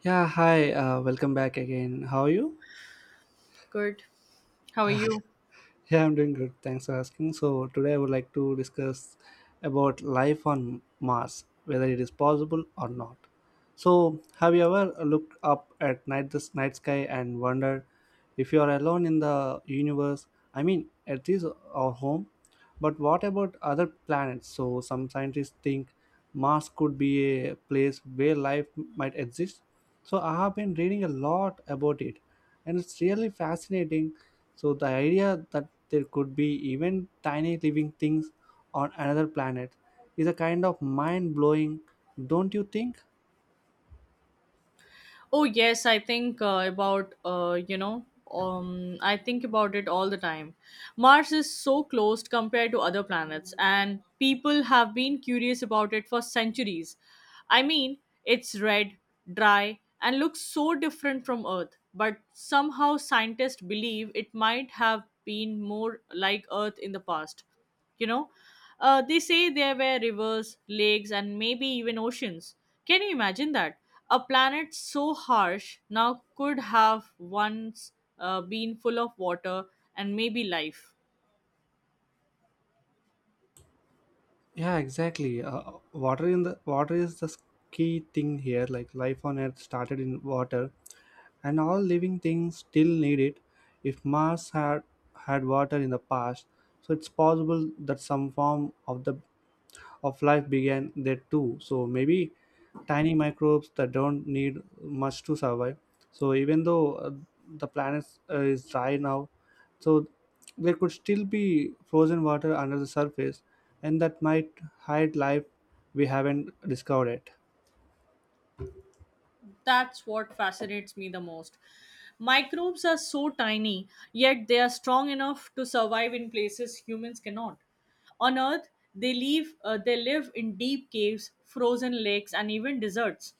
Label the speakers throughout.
Speaker 1: Yeah, hi, welcome back again. How are you?
Speaker 2: Good. How are you?
Speaker 1: Yeah, I'm doing good. Thanks for asking. So, today I would like to discuss about life on Mars, whether it is possible or not. So, have you ever looked up at night this night sky and wondered if you are alone in the universe? I mean, at least our home. But what about other planets? So, some scientists think Mars could be a place where life might exist. So, I have been reading a lot about it, and it's really fascinating. So, the idea that there could be even tiny living things on another planet is a kind of mind blowing, don't you think?
Speaker 2: Oh yes, I think I think about it all the time. Mars is so closed compared to other planets, and people have been curious about it for centuries. I mean, it's red, dry, and looks so different from Earth, but somehow scientists believe it might have been more like Earth in the past. you know they say there were rivers, lakes, and maybe even oceans. Can you imagine that? A planet so harsh now could have once been full of water and maybe life.
Speaker 1: Yeah, exactly. Water in the water is the key thing here. Like life on Earth started in water, and all living things still need it. If mars had water in the past, so it's possible that some form of life began there too. So maybe tiny microbes that don't need much to survive. So even though the planet is dry now, so there could still be frozen water under the surface, and that might hide life we haven't discovered yet.
Speaker 2: That's what fascinates me the most. Microbes are so tiny, yet they are strong enough to survive in places humans cannot. On Earth they live in deep caves, frozen lakes, and even deserts.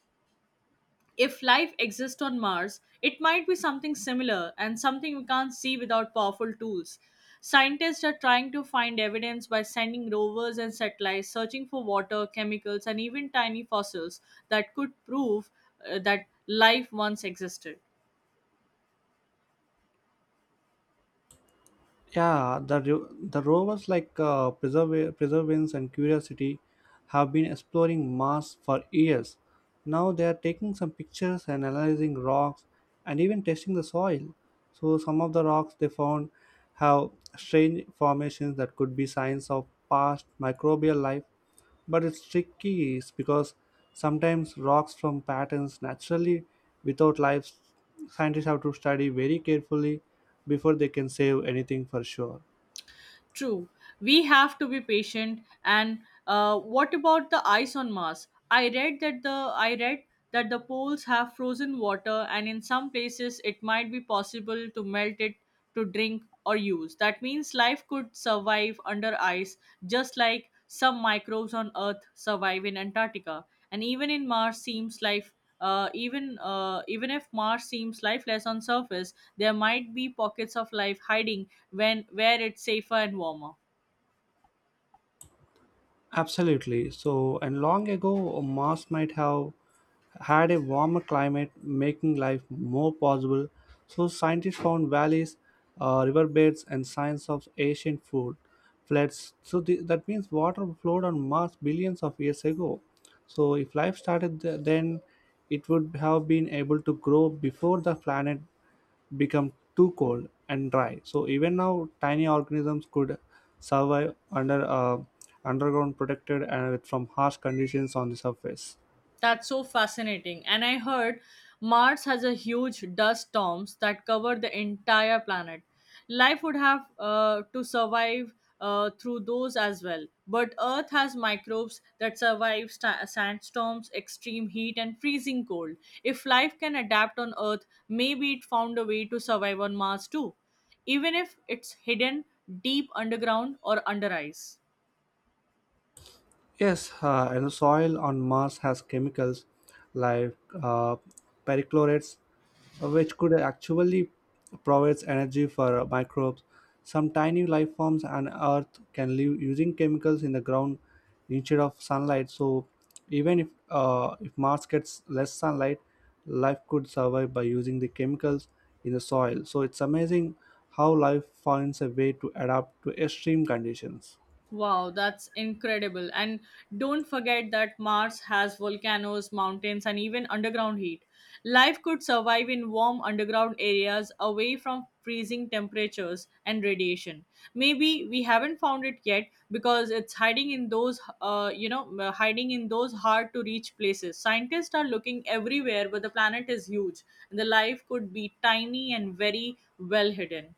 Speaker 2: If life exists on Mars, it might be something similar and something we can't see without powerful tools. Scientists are trying to find evidence by sending rovers and satellites searching for water, chemicals, and even tiny fossils that could prove that life once existed.
Speaker 1: Yeah, the rovers like perseverance and curiosity have been exploring mars for years. Now they are taking some pictures and analyzing rocks and even testing the soil. So some of the rocks they found have strange formations that could be signs of past microbial life, but it's tricky is because sometimes rocks from patterns naturally without life. Scientists have to study very carefully before they can save anything for sure.
Speaker 2: True, we have to be patient. And what about the ice on Mars? I read that the poles have frozen water, and in some places it might be possible to melt it to drink or use. That means life could survive under ice, just like some microbes on Earth survive in Antarctica. And even in mars seems life even Even if Mars seems lifeless on surface, there might be pockets of life hiding when where it's safer and warmer.
Speaker 1: Absolutely. So and long ago mars might have had a warmer climate, making life more possible. So, scientists found valleys, riverbeds, and signs of ancient food floods. So that means water flowed on Mars billions of years ago. So, if life started then, it would have been able to grow before the planet become too cold and dry. So, even now, tiny organisms could survive underground protected and from harsh conditions on the surface.
Speaker 2: That's so fascinating. And I heard Mars has a huge dust storms that cover the entire planet. Life would have to survive through those as well. But Earth has microbes that survive sandstorms, extreme heat, and freezing cold. If life can adapt on Earth, maybe it found a way to survive on Mars too, even if it's hidden deep underground or under ice.
Speaker 1: Yes, and the soil on Mars has chemicals like uh, perchlorates, which could actually provides energy for microbes. Some tiny life forms on Earth can live using chemicals in the ground instead of sunlight. So, even if Mars gets less sunlight, life could survive by using the chemicals in the soil. So, it's amazing how life finds a way to adapt to extreme conditions.
Speaker 2: Wow, that's incredible. And don't forget that Mars has volcanoes, mountains, and even underground heat. Life could survive in warm underground areas away from freezing temperatures and radiation. Maybe we haven't found it yet because it's hiding in those hard to reach places. Scientists are looking everywhere, but the planet is huge and the life could be tiny and very well hidden.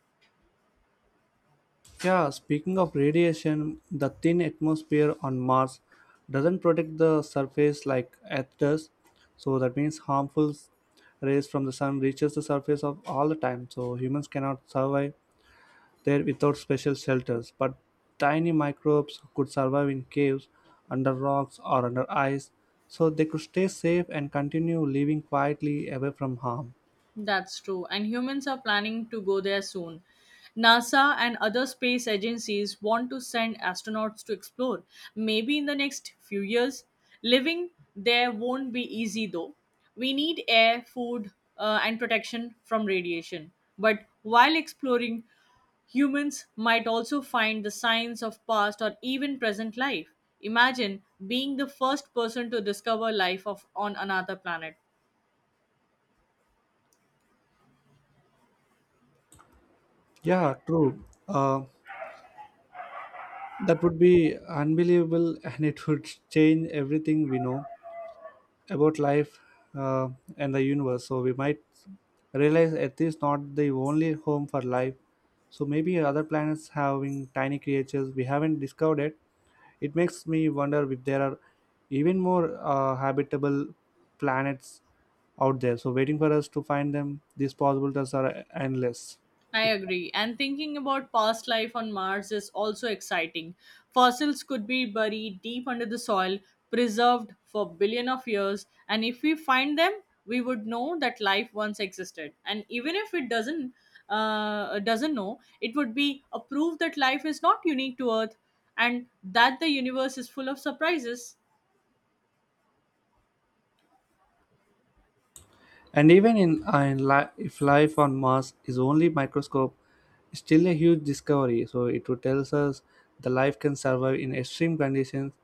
Speaker 1: Yeah, speaking of radiation, the thin atmosphere on Mars doesn't protect the surface like Earth does. So that means harmful rays from the sun reaches the surface of all the time. So humans cannot survive there without special shelters. But tiny microbes could survive in caves, under rocks or under ice. So they could stay safe and continue living quietly away from harm.
Speaker 2: That's true. And humans are planning to go there soon. NASA and other space agencies want to send astronauts to explore. Maybe in the next few years. Living there won't be easy though. We need air, food, and protection from radiation. But while exploring, humans might also find the signs of past or even present life. Imagine being the first person to discover on another planet.
Speaker 1: Yeah, true. That would be unbelievable, and it would change everything we know about life uh, and the universe. So we might realize Earth is not the only home for life. So maybe other planets having tiny creatures we haven't discovered yet. It makes me wonder if there are even more habitable planets out there. So waiting for us to find them, these possibilities are endless.
Speaker 2: I agree. And thinking about past life on Mars is also exciting. Fossils could be buried deep under the soil, preserved for billion of years, and if we find them, we would know that life once existed. And even if it doesn't know, it would be a proof that life is not unique to Earth and that the universe is full of surprises.
Speaker 1: And even if life on Mars is only microscope, it's still a huge discovery. So it would tells us the life can survive in extreme conditions,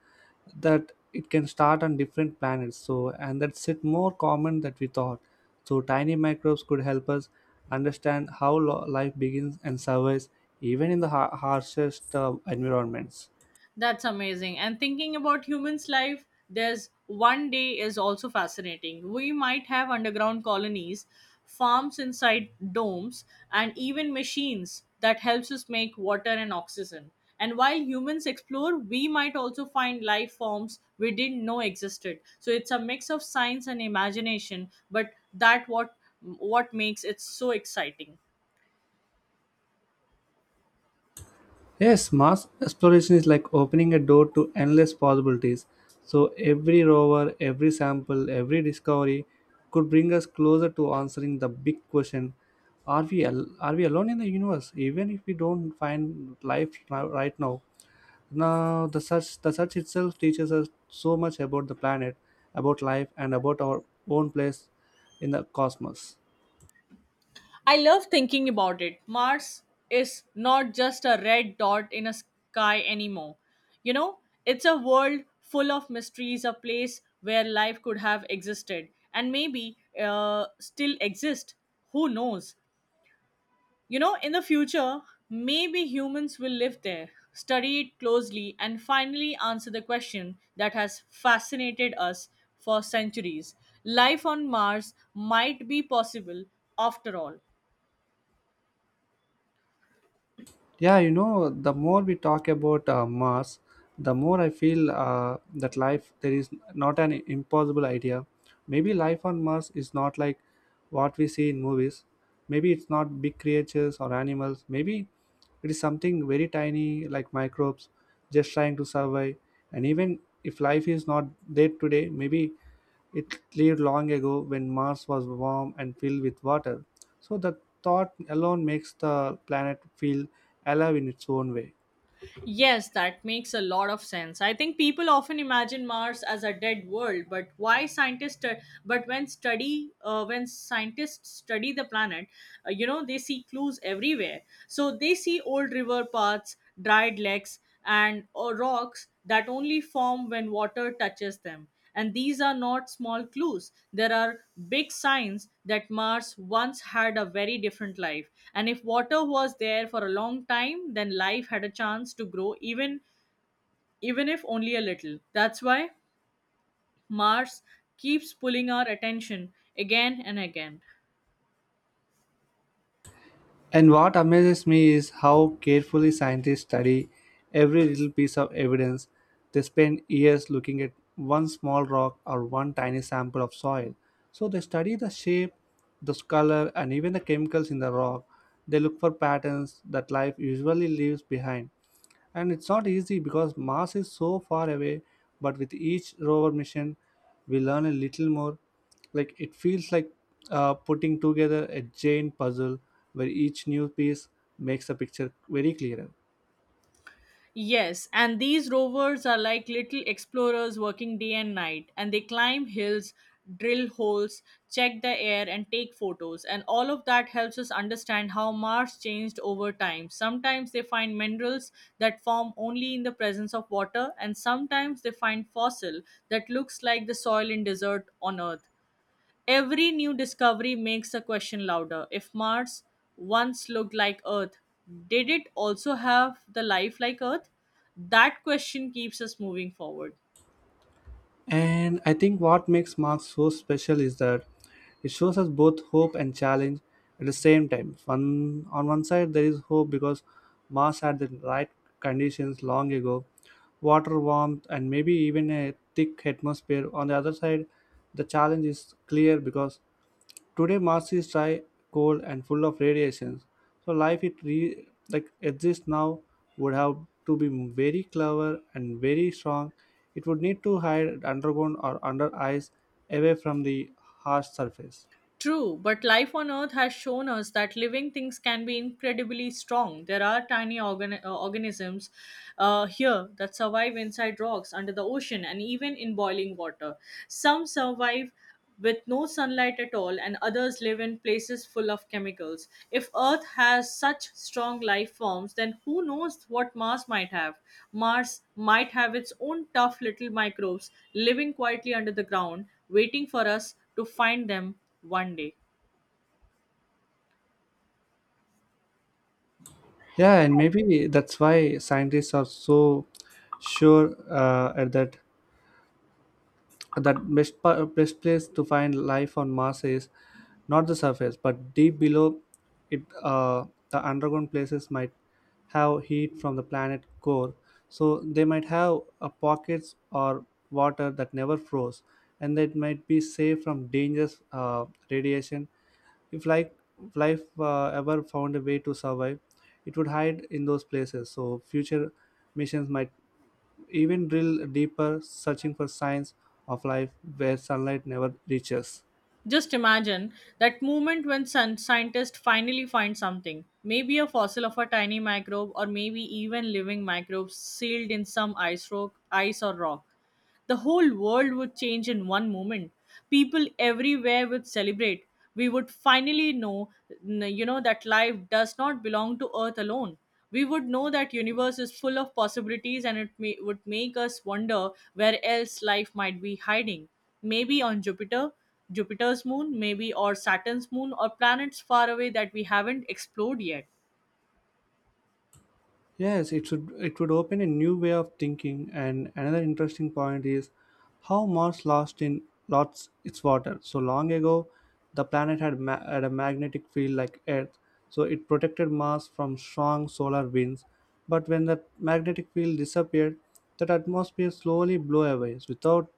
Speaker 1: that it can start on different planets. So and that's it more common that we thought. So tiny microbes could help us understand how life begins and survives even in the harshest environments.
Speaker 2: That's amazing. And thinking about humans' life, there's one day is also fascinating. We might have underground colonies, farms inside domes, and even machines that helps us make water and oxygen. And while humans explore, we might also find life forms we didn't know existed. So it's a mix of science and imagination, but that what makes it so exciting.
Speaker 1: Yes, Mars exploration is like opening a door to endless possibilities. So every rover, every sample, every discovery could bring us closer to answering the big question: are we are we alone in the universe? Even if we don't find life now, right now. Now the search itself teaches us so much about the planet, about life, and about our own place in the cosmos.
Speaker 2: I love thinking about it. Mars is not just a red dot in a sky anymore. You know, it's a world full of mysteries, a place where life could have existed and maybe still exist. Who knows? You know, in the future, maybe humans will live there, study it closely, and finally answer the question that has fascinated us for centuries. Life on Mars might be possible after all.
Speaker 1: Yeah, you know, the more we talk about Mars, the more I feel that life there is not an impossible idea. Maybe life on Mars is not like what we see in movies. Maybe it's not big creatures or animals. Maybe it is something very tiny like microbes just trying to survive. And even if life is not there today, maybe it lived long ago when Mars was warm and filled with water. So the thought alone makes the planet feel alive in its own way.
Speaker 2: Yes, that makes a lot of sense. I think people often imagine Mars as a dead world, but why scientists? But when scientists study the planet, they see clues everywhere. So they see old river paths, dried lakes, and rocks that only form when water touches them. And these are not small clues. There are big signs that Mars once had a very different life. And if water was there for a long time, then life had a chance to grow even if only a little. That's why Mars keeps pulling our attention again and again.
Speaker 1: And what amazes me is how carefully scientists study every little piece of evidence. They spend years looking at one small rock or one tiny sample of soil. So they study the shape, the color, and even the chemicals in the rock. They look for patterns that life usually leaves behind. And it's not easy because Mars is so far away, but with each rover mission, we learn a little more. Like it feels like putting together a giant puzzle where each new piece makes the picture very clearer.
Speaker 2: Yes, and these rovers are like little explorers working day and night, and they climb hills, drill holes, check the air, and take photos. And all of that helps us understand how Mars changed over time. Sometimes they find minerals that form only in the presence of water, and sometimes they find fossil that looks like the soil in desert on Earth. Every new discovery makes the question louder. If Mars once looked like Earth, did it also have the life like Earth? That question keeps us moving forward.
Speaker 1: And I think what makes Mark so special is that it shows us both hope and challenge at the same time. On one side, there is hope because Mars had the right conditions long ago, water, warmth, and maybe even a thick atmosphere. On the other side, the challenge is clear because today Mars is dry, cold, and full of radiations. So life like exists now would have to be very clever and very strong. It would need to hide underground or under ice, away from the harsh surface.
Speaker 2: True, but life on Earth has shown us that living things can be incredibly strong. There are tiny organisms here that survive inside rocks, under the ocean, and even in boiling water. Some survive with no sunlight at all, and others live in places full of chemicals. If Earth has such strong life forms, then who knows what Mars might have? Mars might have its own tough little microbes living quietly under the ground, waiting for us to find them one day.
Speaker 1: Yeah, and maybe that's why scientists are so sure at that that best place to find life on Mars is not the surface, but deep below it. The underground places might have heat from the planet core, so they might have pockets or water that never froze, and that might be safe from dangerous radiation. If like if life ever found a way to survive, it would hide in those places. So future missions might even drill deeper, searching for signs of life where sunlight never reaches.
Speaker 2: Just imagine that moment when scientists finally find something. Maybe a fossil of a tiny microbe, or maybe even living microbes sealed in some ice or rock. The whole world would change in one moment. People everywhere would celebrate. We would finally know, you know, that life does not belong to Earth alone. We would know that universe is full of possibilities, and would make us wonder where else life might be hiding. Maybe on Jupiter's moon, maybe, or Saturn's moon, or planets far away that we haven't explored yet.
Speaker 1: Yes, it would open a new way of thinking, and another interesting point is how Mars lost its water. So long ago the planet had a magnetic field like Earth, so it protected Mars from strong solar winds. But when the magnetic field disappeared, that atmosphere slowly blew away. Without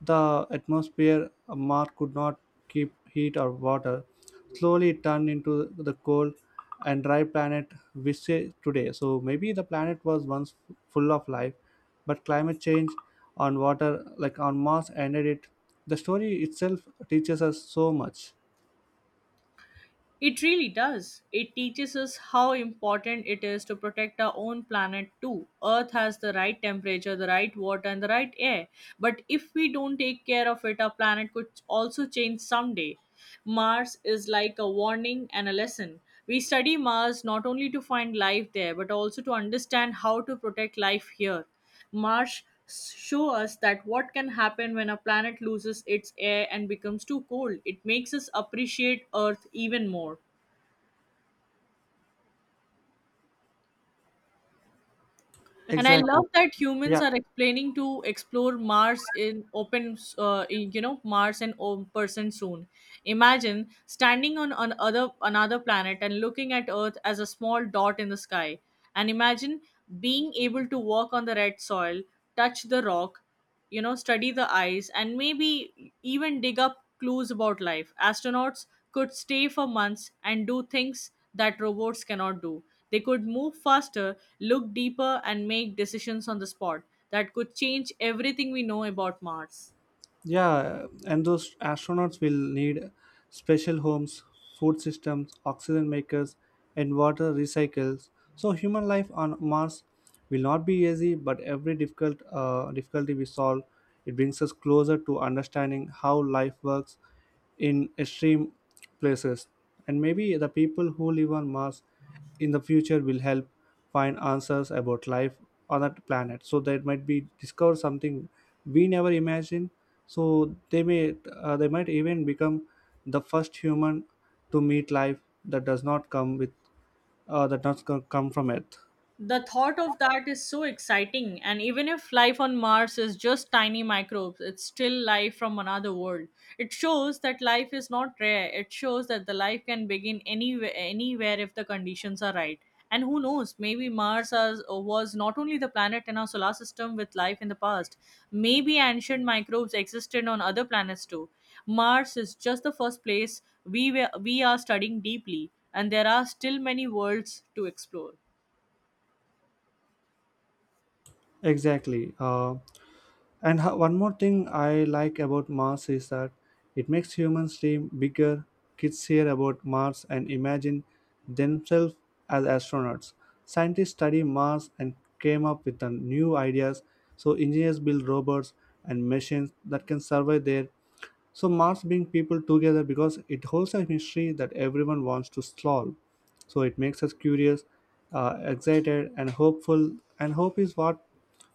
Speaker 1: the atmosphere, Mars could not keep heat or water, slowly turned into the cold and dry planet we see today. So maybe the planet was once full of life, but climate change on water, like on Mars, ended it. The story itself teaches us so much.
Speaker 2: It really does. It teaches us how important it is to protect our own planet too. Earth has the right temperature, the right water, and the right air. But if we don't take care of it, our planet could also change someday. Mars is like a warning and a lesson. We study Mars not only to find life there, but also to understand how to protect life here. Marsh show us that what can happen when a planet loses its air and becomes too cold. It makes us appreciate Earth even more. And I
Speaker 1: Exactly.
Speaker 2: love that humans
Speaker 1: Yeah.
Speaker 2: are explaining to explore Mars in open person soon. Imagine standing on another planet and looking at Earth as a small dot in the sky. And imagine being able to walk on the red soil, touch the rock, you know, study the ice, and maybe even dig up clues about life. Astronauts could stay for months and do things that robots cannot do. They could move faster, look deeper, and make decisions on the spot that could change everything we know about Mars.
Speaker 1: Yeah, and those astronauts will need special homes, food systems, oxygen makers, and water recycles. So human life on Mars will not be easy, but every difficulty we solve, it brings us closer to understanding how life works in extreme places. And maybe the people who live on Mars in the future will help find answers about life on that planet, so that might be discover something we never imagined. So they may they might even become the first human to meet life that does not come with that does not come from earth.
Speaker 2: The thought of that is so exciting, and even if life on Mars is just tiny microbes, it's still life from another world. It shows that life is not rare. It shows that the life can begin anywhere if the conditions are right. And who knows, maybe was not only the planet in our solar system with life in the past. Maybe ancient microbes existed on other planets too. Mars is just the first place we are studying deeply, and there are still many worlds to explore.
Speaker 1: Exactly. And one more thing I like about Mars is that it makes humans dream bigger. Kids hear about Mars and imagine themselves as astronauts. Scientists study Mars and came up with the new ideas. So engineers build robots and machines that can survive there, so Mars brings people together because it holds a mystery that everyone wants to solve. So it makes us curious, excited, and hopeful. And hope is what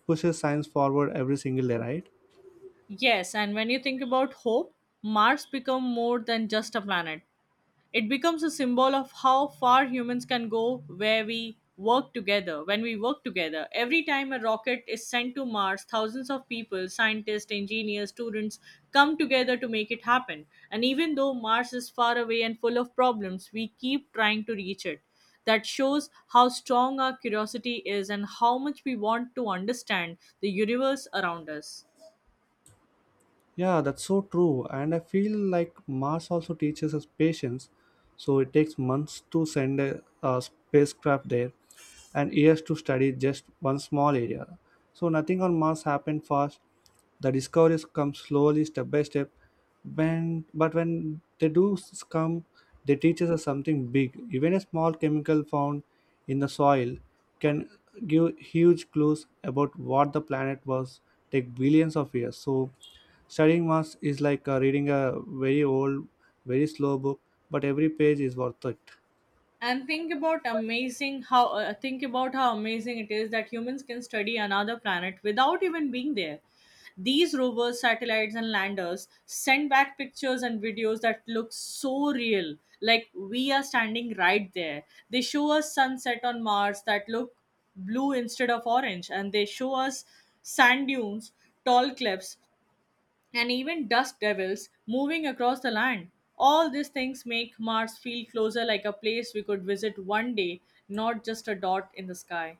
Speaker 1: pushes science forward every single day, right?
Speaker 2: Yes, and when you think about hope, Mars becomes more than just a planet. It becomes a symbol of how far humans can go where we work together. When we work together, every time a rocket is sent to Mars, thousands of people, scientists, engineers, students come together to make it happen. And even though Mars is far away and full of problems, we keep trying to reach it. That shows how strong our curiosity is and how much we want to understand the universe around us.
Speaker 1: Yeah, that's so true. And I feel like Mars also teaches us patience. So it takes months to send a spacecraft there and years to study just one small area. So nothing on Mars happened fast. The discoveries come slowly, step by step. But when they come, they teach us something big. Even a small chemical found in the soil can give huge clues about what the planet was, take billions of years. So studying maths is like reading a very old, very slow book, but every page is worth it.
Speaker 2: And think about amazing how Think about how amazing it is that humans can study another planet without even being there. These rovers, satellites, and landers send back pictures and videos that look so real, like we are standing right there. They show us sunset on Mars that look blue instead of orange, and they show us sand dunes, tall cliffs, and even dust devils moving across the land. All these things make Mars feel closer, like a place we could visit one day, not just a dot in the sky.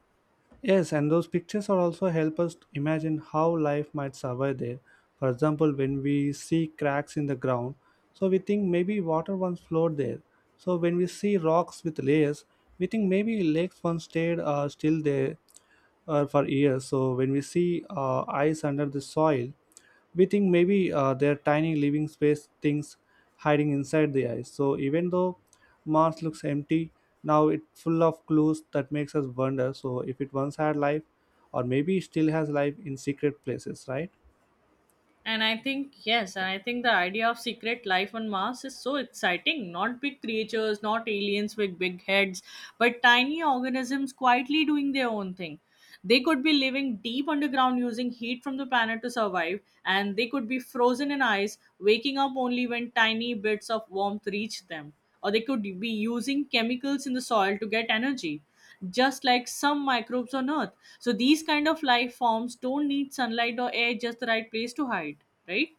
Speaker 1: Yes, and those pictures are also help us to imagine how life might survive there. For example, when we see cracks in the ground, so we think maybe water once flowed there. So when we see rocks with layers, we think maybe lakes once stayed still there for years. So when we see eyes under the soil, we think maybe they're tiny living space things hiding inside the ice. So even though Mars looks empty, now it's full of clues that makes us wonder. So if it once had life, or maybe it still has life in secret places, right?
Speaker 2: And I think the idea of secret life on Mars is so exciting. Not big creatures, not aliens with big heads, but tiny organisms quietly doing their own thing. They could be living deep underground using heat from the planet to survive, and they could be frozen in ice, waking up only when tiny bits of warmth reach them. Or they could be using chemicals in the soil to get energy just like some microbes on Earth. So these kind of life forms don't need sunlight or air, just the right place to hide, right?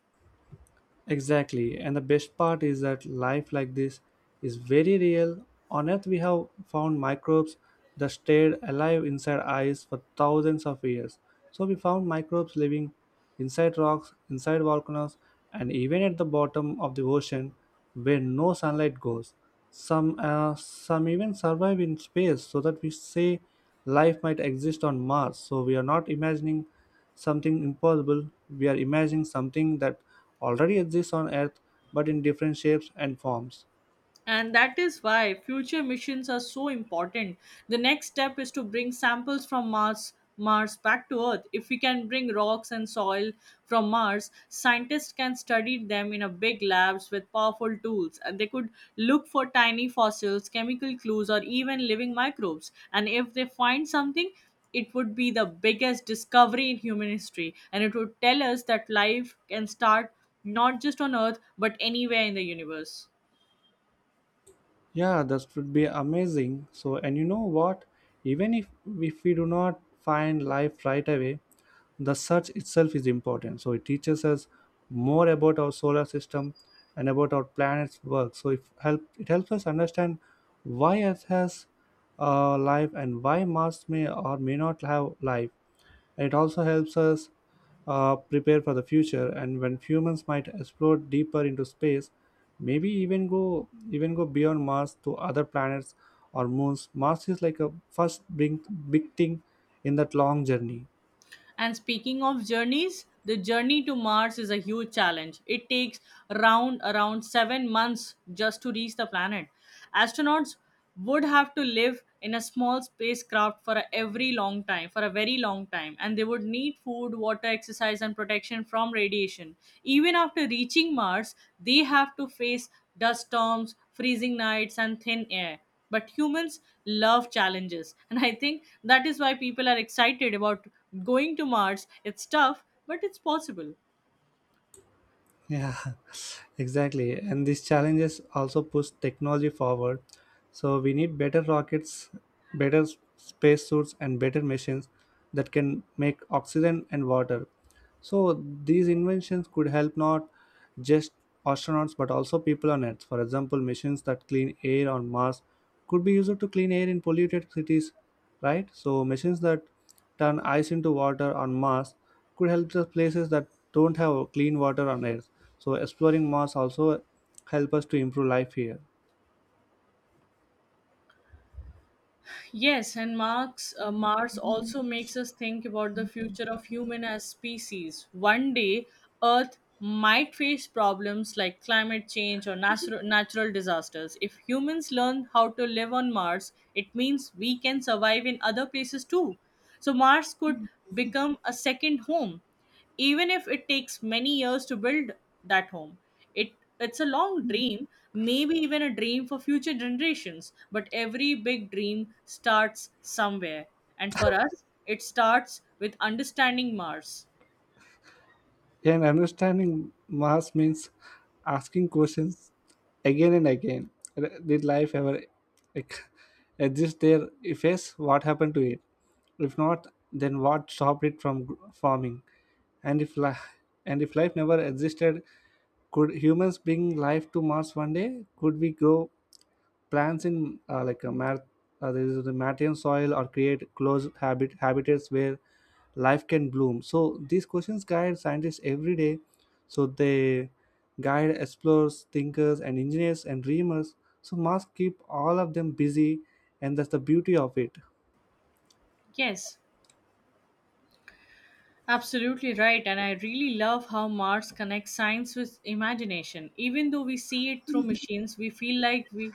Speaker 1: Exactly. And the best part is that life like this is very real. On Earth, we have found microbes that stayed alive inside ice for thousands of years. So, we found microbes living inside rocks, inside volcanoes, and even at the bottom of the ocean where no sunlight goes. Some even survive in space, so that we say life might exist on Mars. So, we are not imagining something impossible. We are imagining something that already exists on Earth but in different shapes and forms.
Speaker 2: And that is why future missions are so important. The next step is to bring samples from Mars back to Earth. If we can bring rocks and soil from Mars, scientists can study them in a big labs with powerful tools, and they could look for tiny fossils, chemical clues, or even living microbes. And if they find something, it would be the biggest discovery in human history, and it would tell us that life can start not just on Earth but anywhere in the universe.
Speaker 1: Yeah, that would be amazing. So, and you know what? Even if we do not find life right away, the search itself is important. So, it teaches us more about our solar system and about our planet's work. So, if help, it helps us understand why Earth has life and why Mars may or may not have life. And it also helps us prepare for the future and when humans might explore deeper into space, maybe even go beyond mars to other planets or moons. Mars is like a first big thing in that long journey.
Speaker 2: And speaking of journeys, the journey to Mars is a huge challenge. It takes around 7 months just to reach the planet. Astronauts would have to live in a small spacecraft for a very long time, and they would need food, water, exercise, and protection from radiation. Even after reaching Mars, they have to face dust storms, freezing nights, and thin air. But humans love challenges and I think that is why people are excited about going to Mars. It's tough, but it's possible.
Speaker 1: Yeah, exactly. And these challenges also push technology forward. So we need better rockets, better space suits, and better machines that can make oxygen and water. So these inventions could help not just astronauts but also people on Earth. For example, machines that clean air on Mars could be used to clean air in polluted cities, right? So machines that turn ice into water on Mars could help the places that don't have clean water on Earth. So exploring Mars also help us to improve life here.
Speaker 2: Yes, and Mars also makes us think about the future of human as species. One day, Earth might face problems like climate change or natural disasters. If humans learn how to live on Mars, it means we can survive in other places too. So Mars could become a second home, even if it takes many years to build that home. It it's a long dream, maybe even a dream for future generations, but every big dream starts somewhere, and for us, it starts with understanding Mars.
Speaker 1: Yeah, and understanding Mars means asking questions again and again. Did life ever ex- exist there? If yes, what happened to it? If not, then what stopped it from forming? And if life never existed, could humans bring life to Mars one day? Could we grow plants in like a mat, there is the Martian soil, or create closed habitats where life can bloom. So these questions guide scientists every day. So they guide explorers, thinkers, and engineers and dreamers. So must keep all of them busy, and that's the beauty of it.
Speaker 2: Yes, absolutely right, and I really love how Mars connects science with imagination. Even though we see it through machines, we feel like we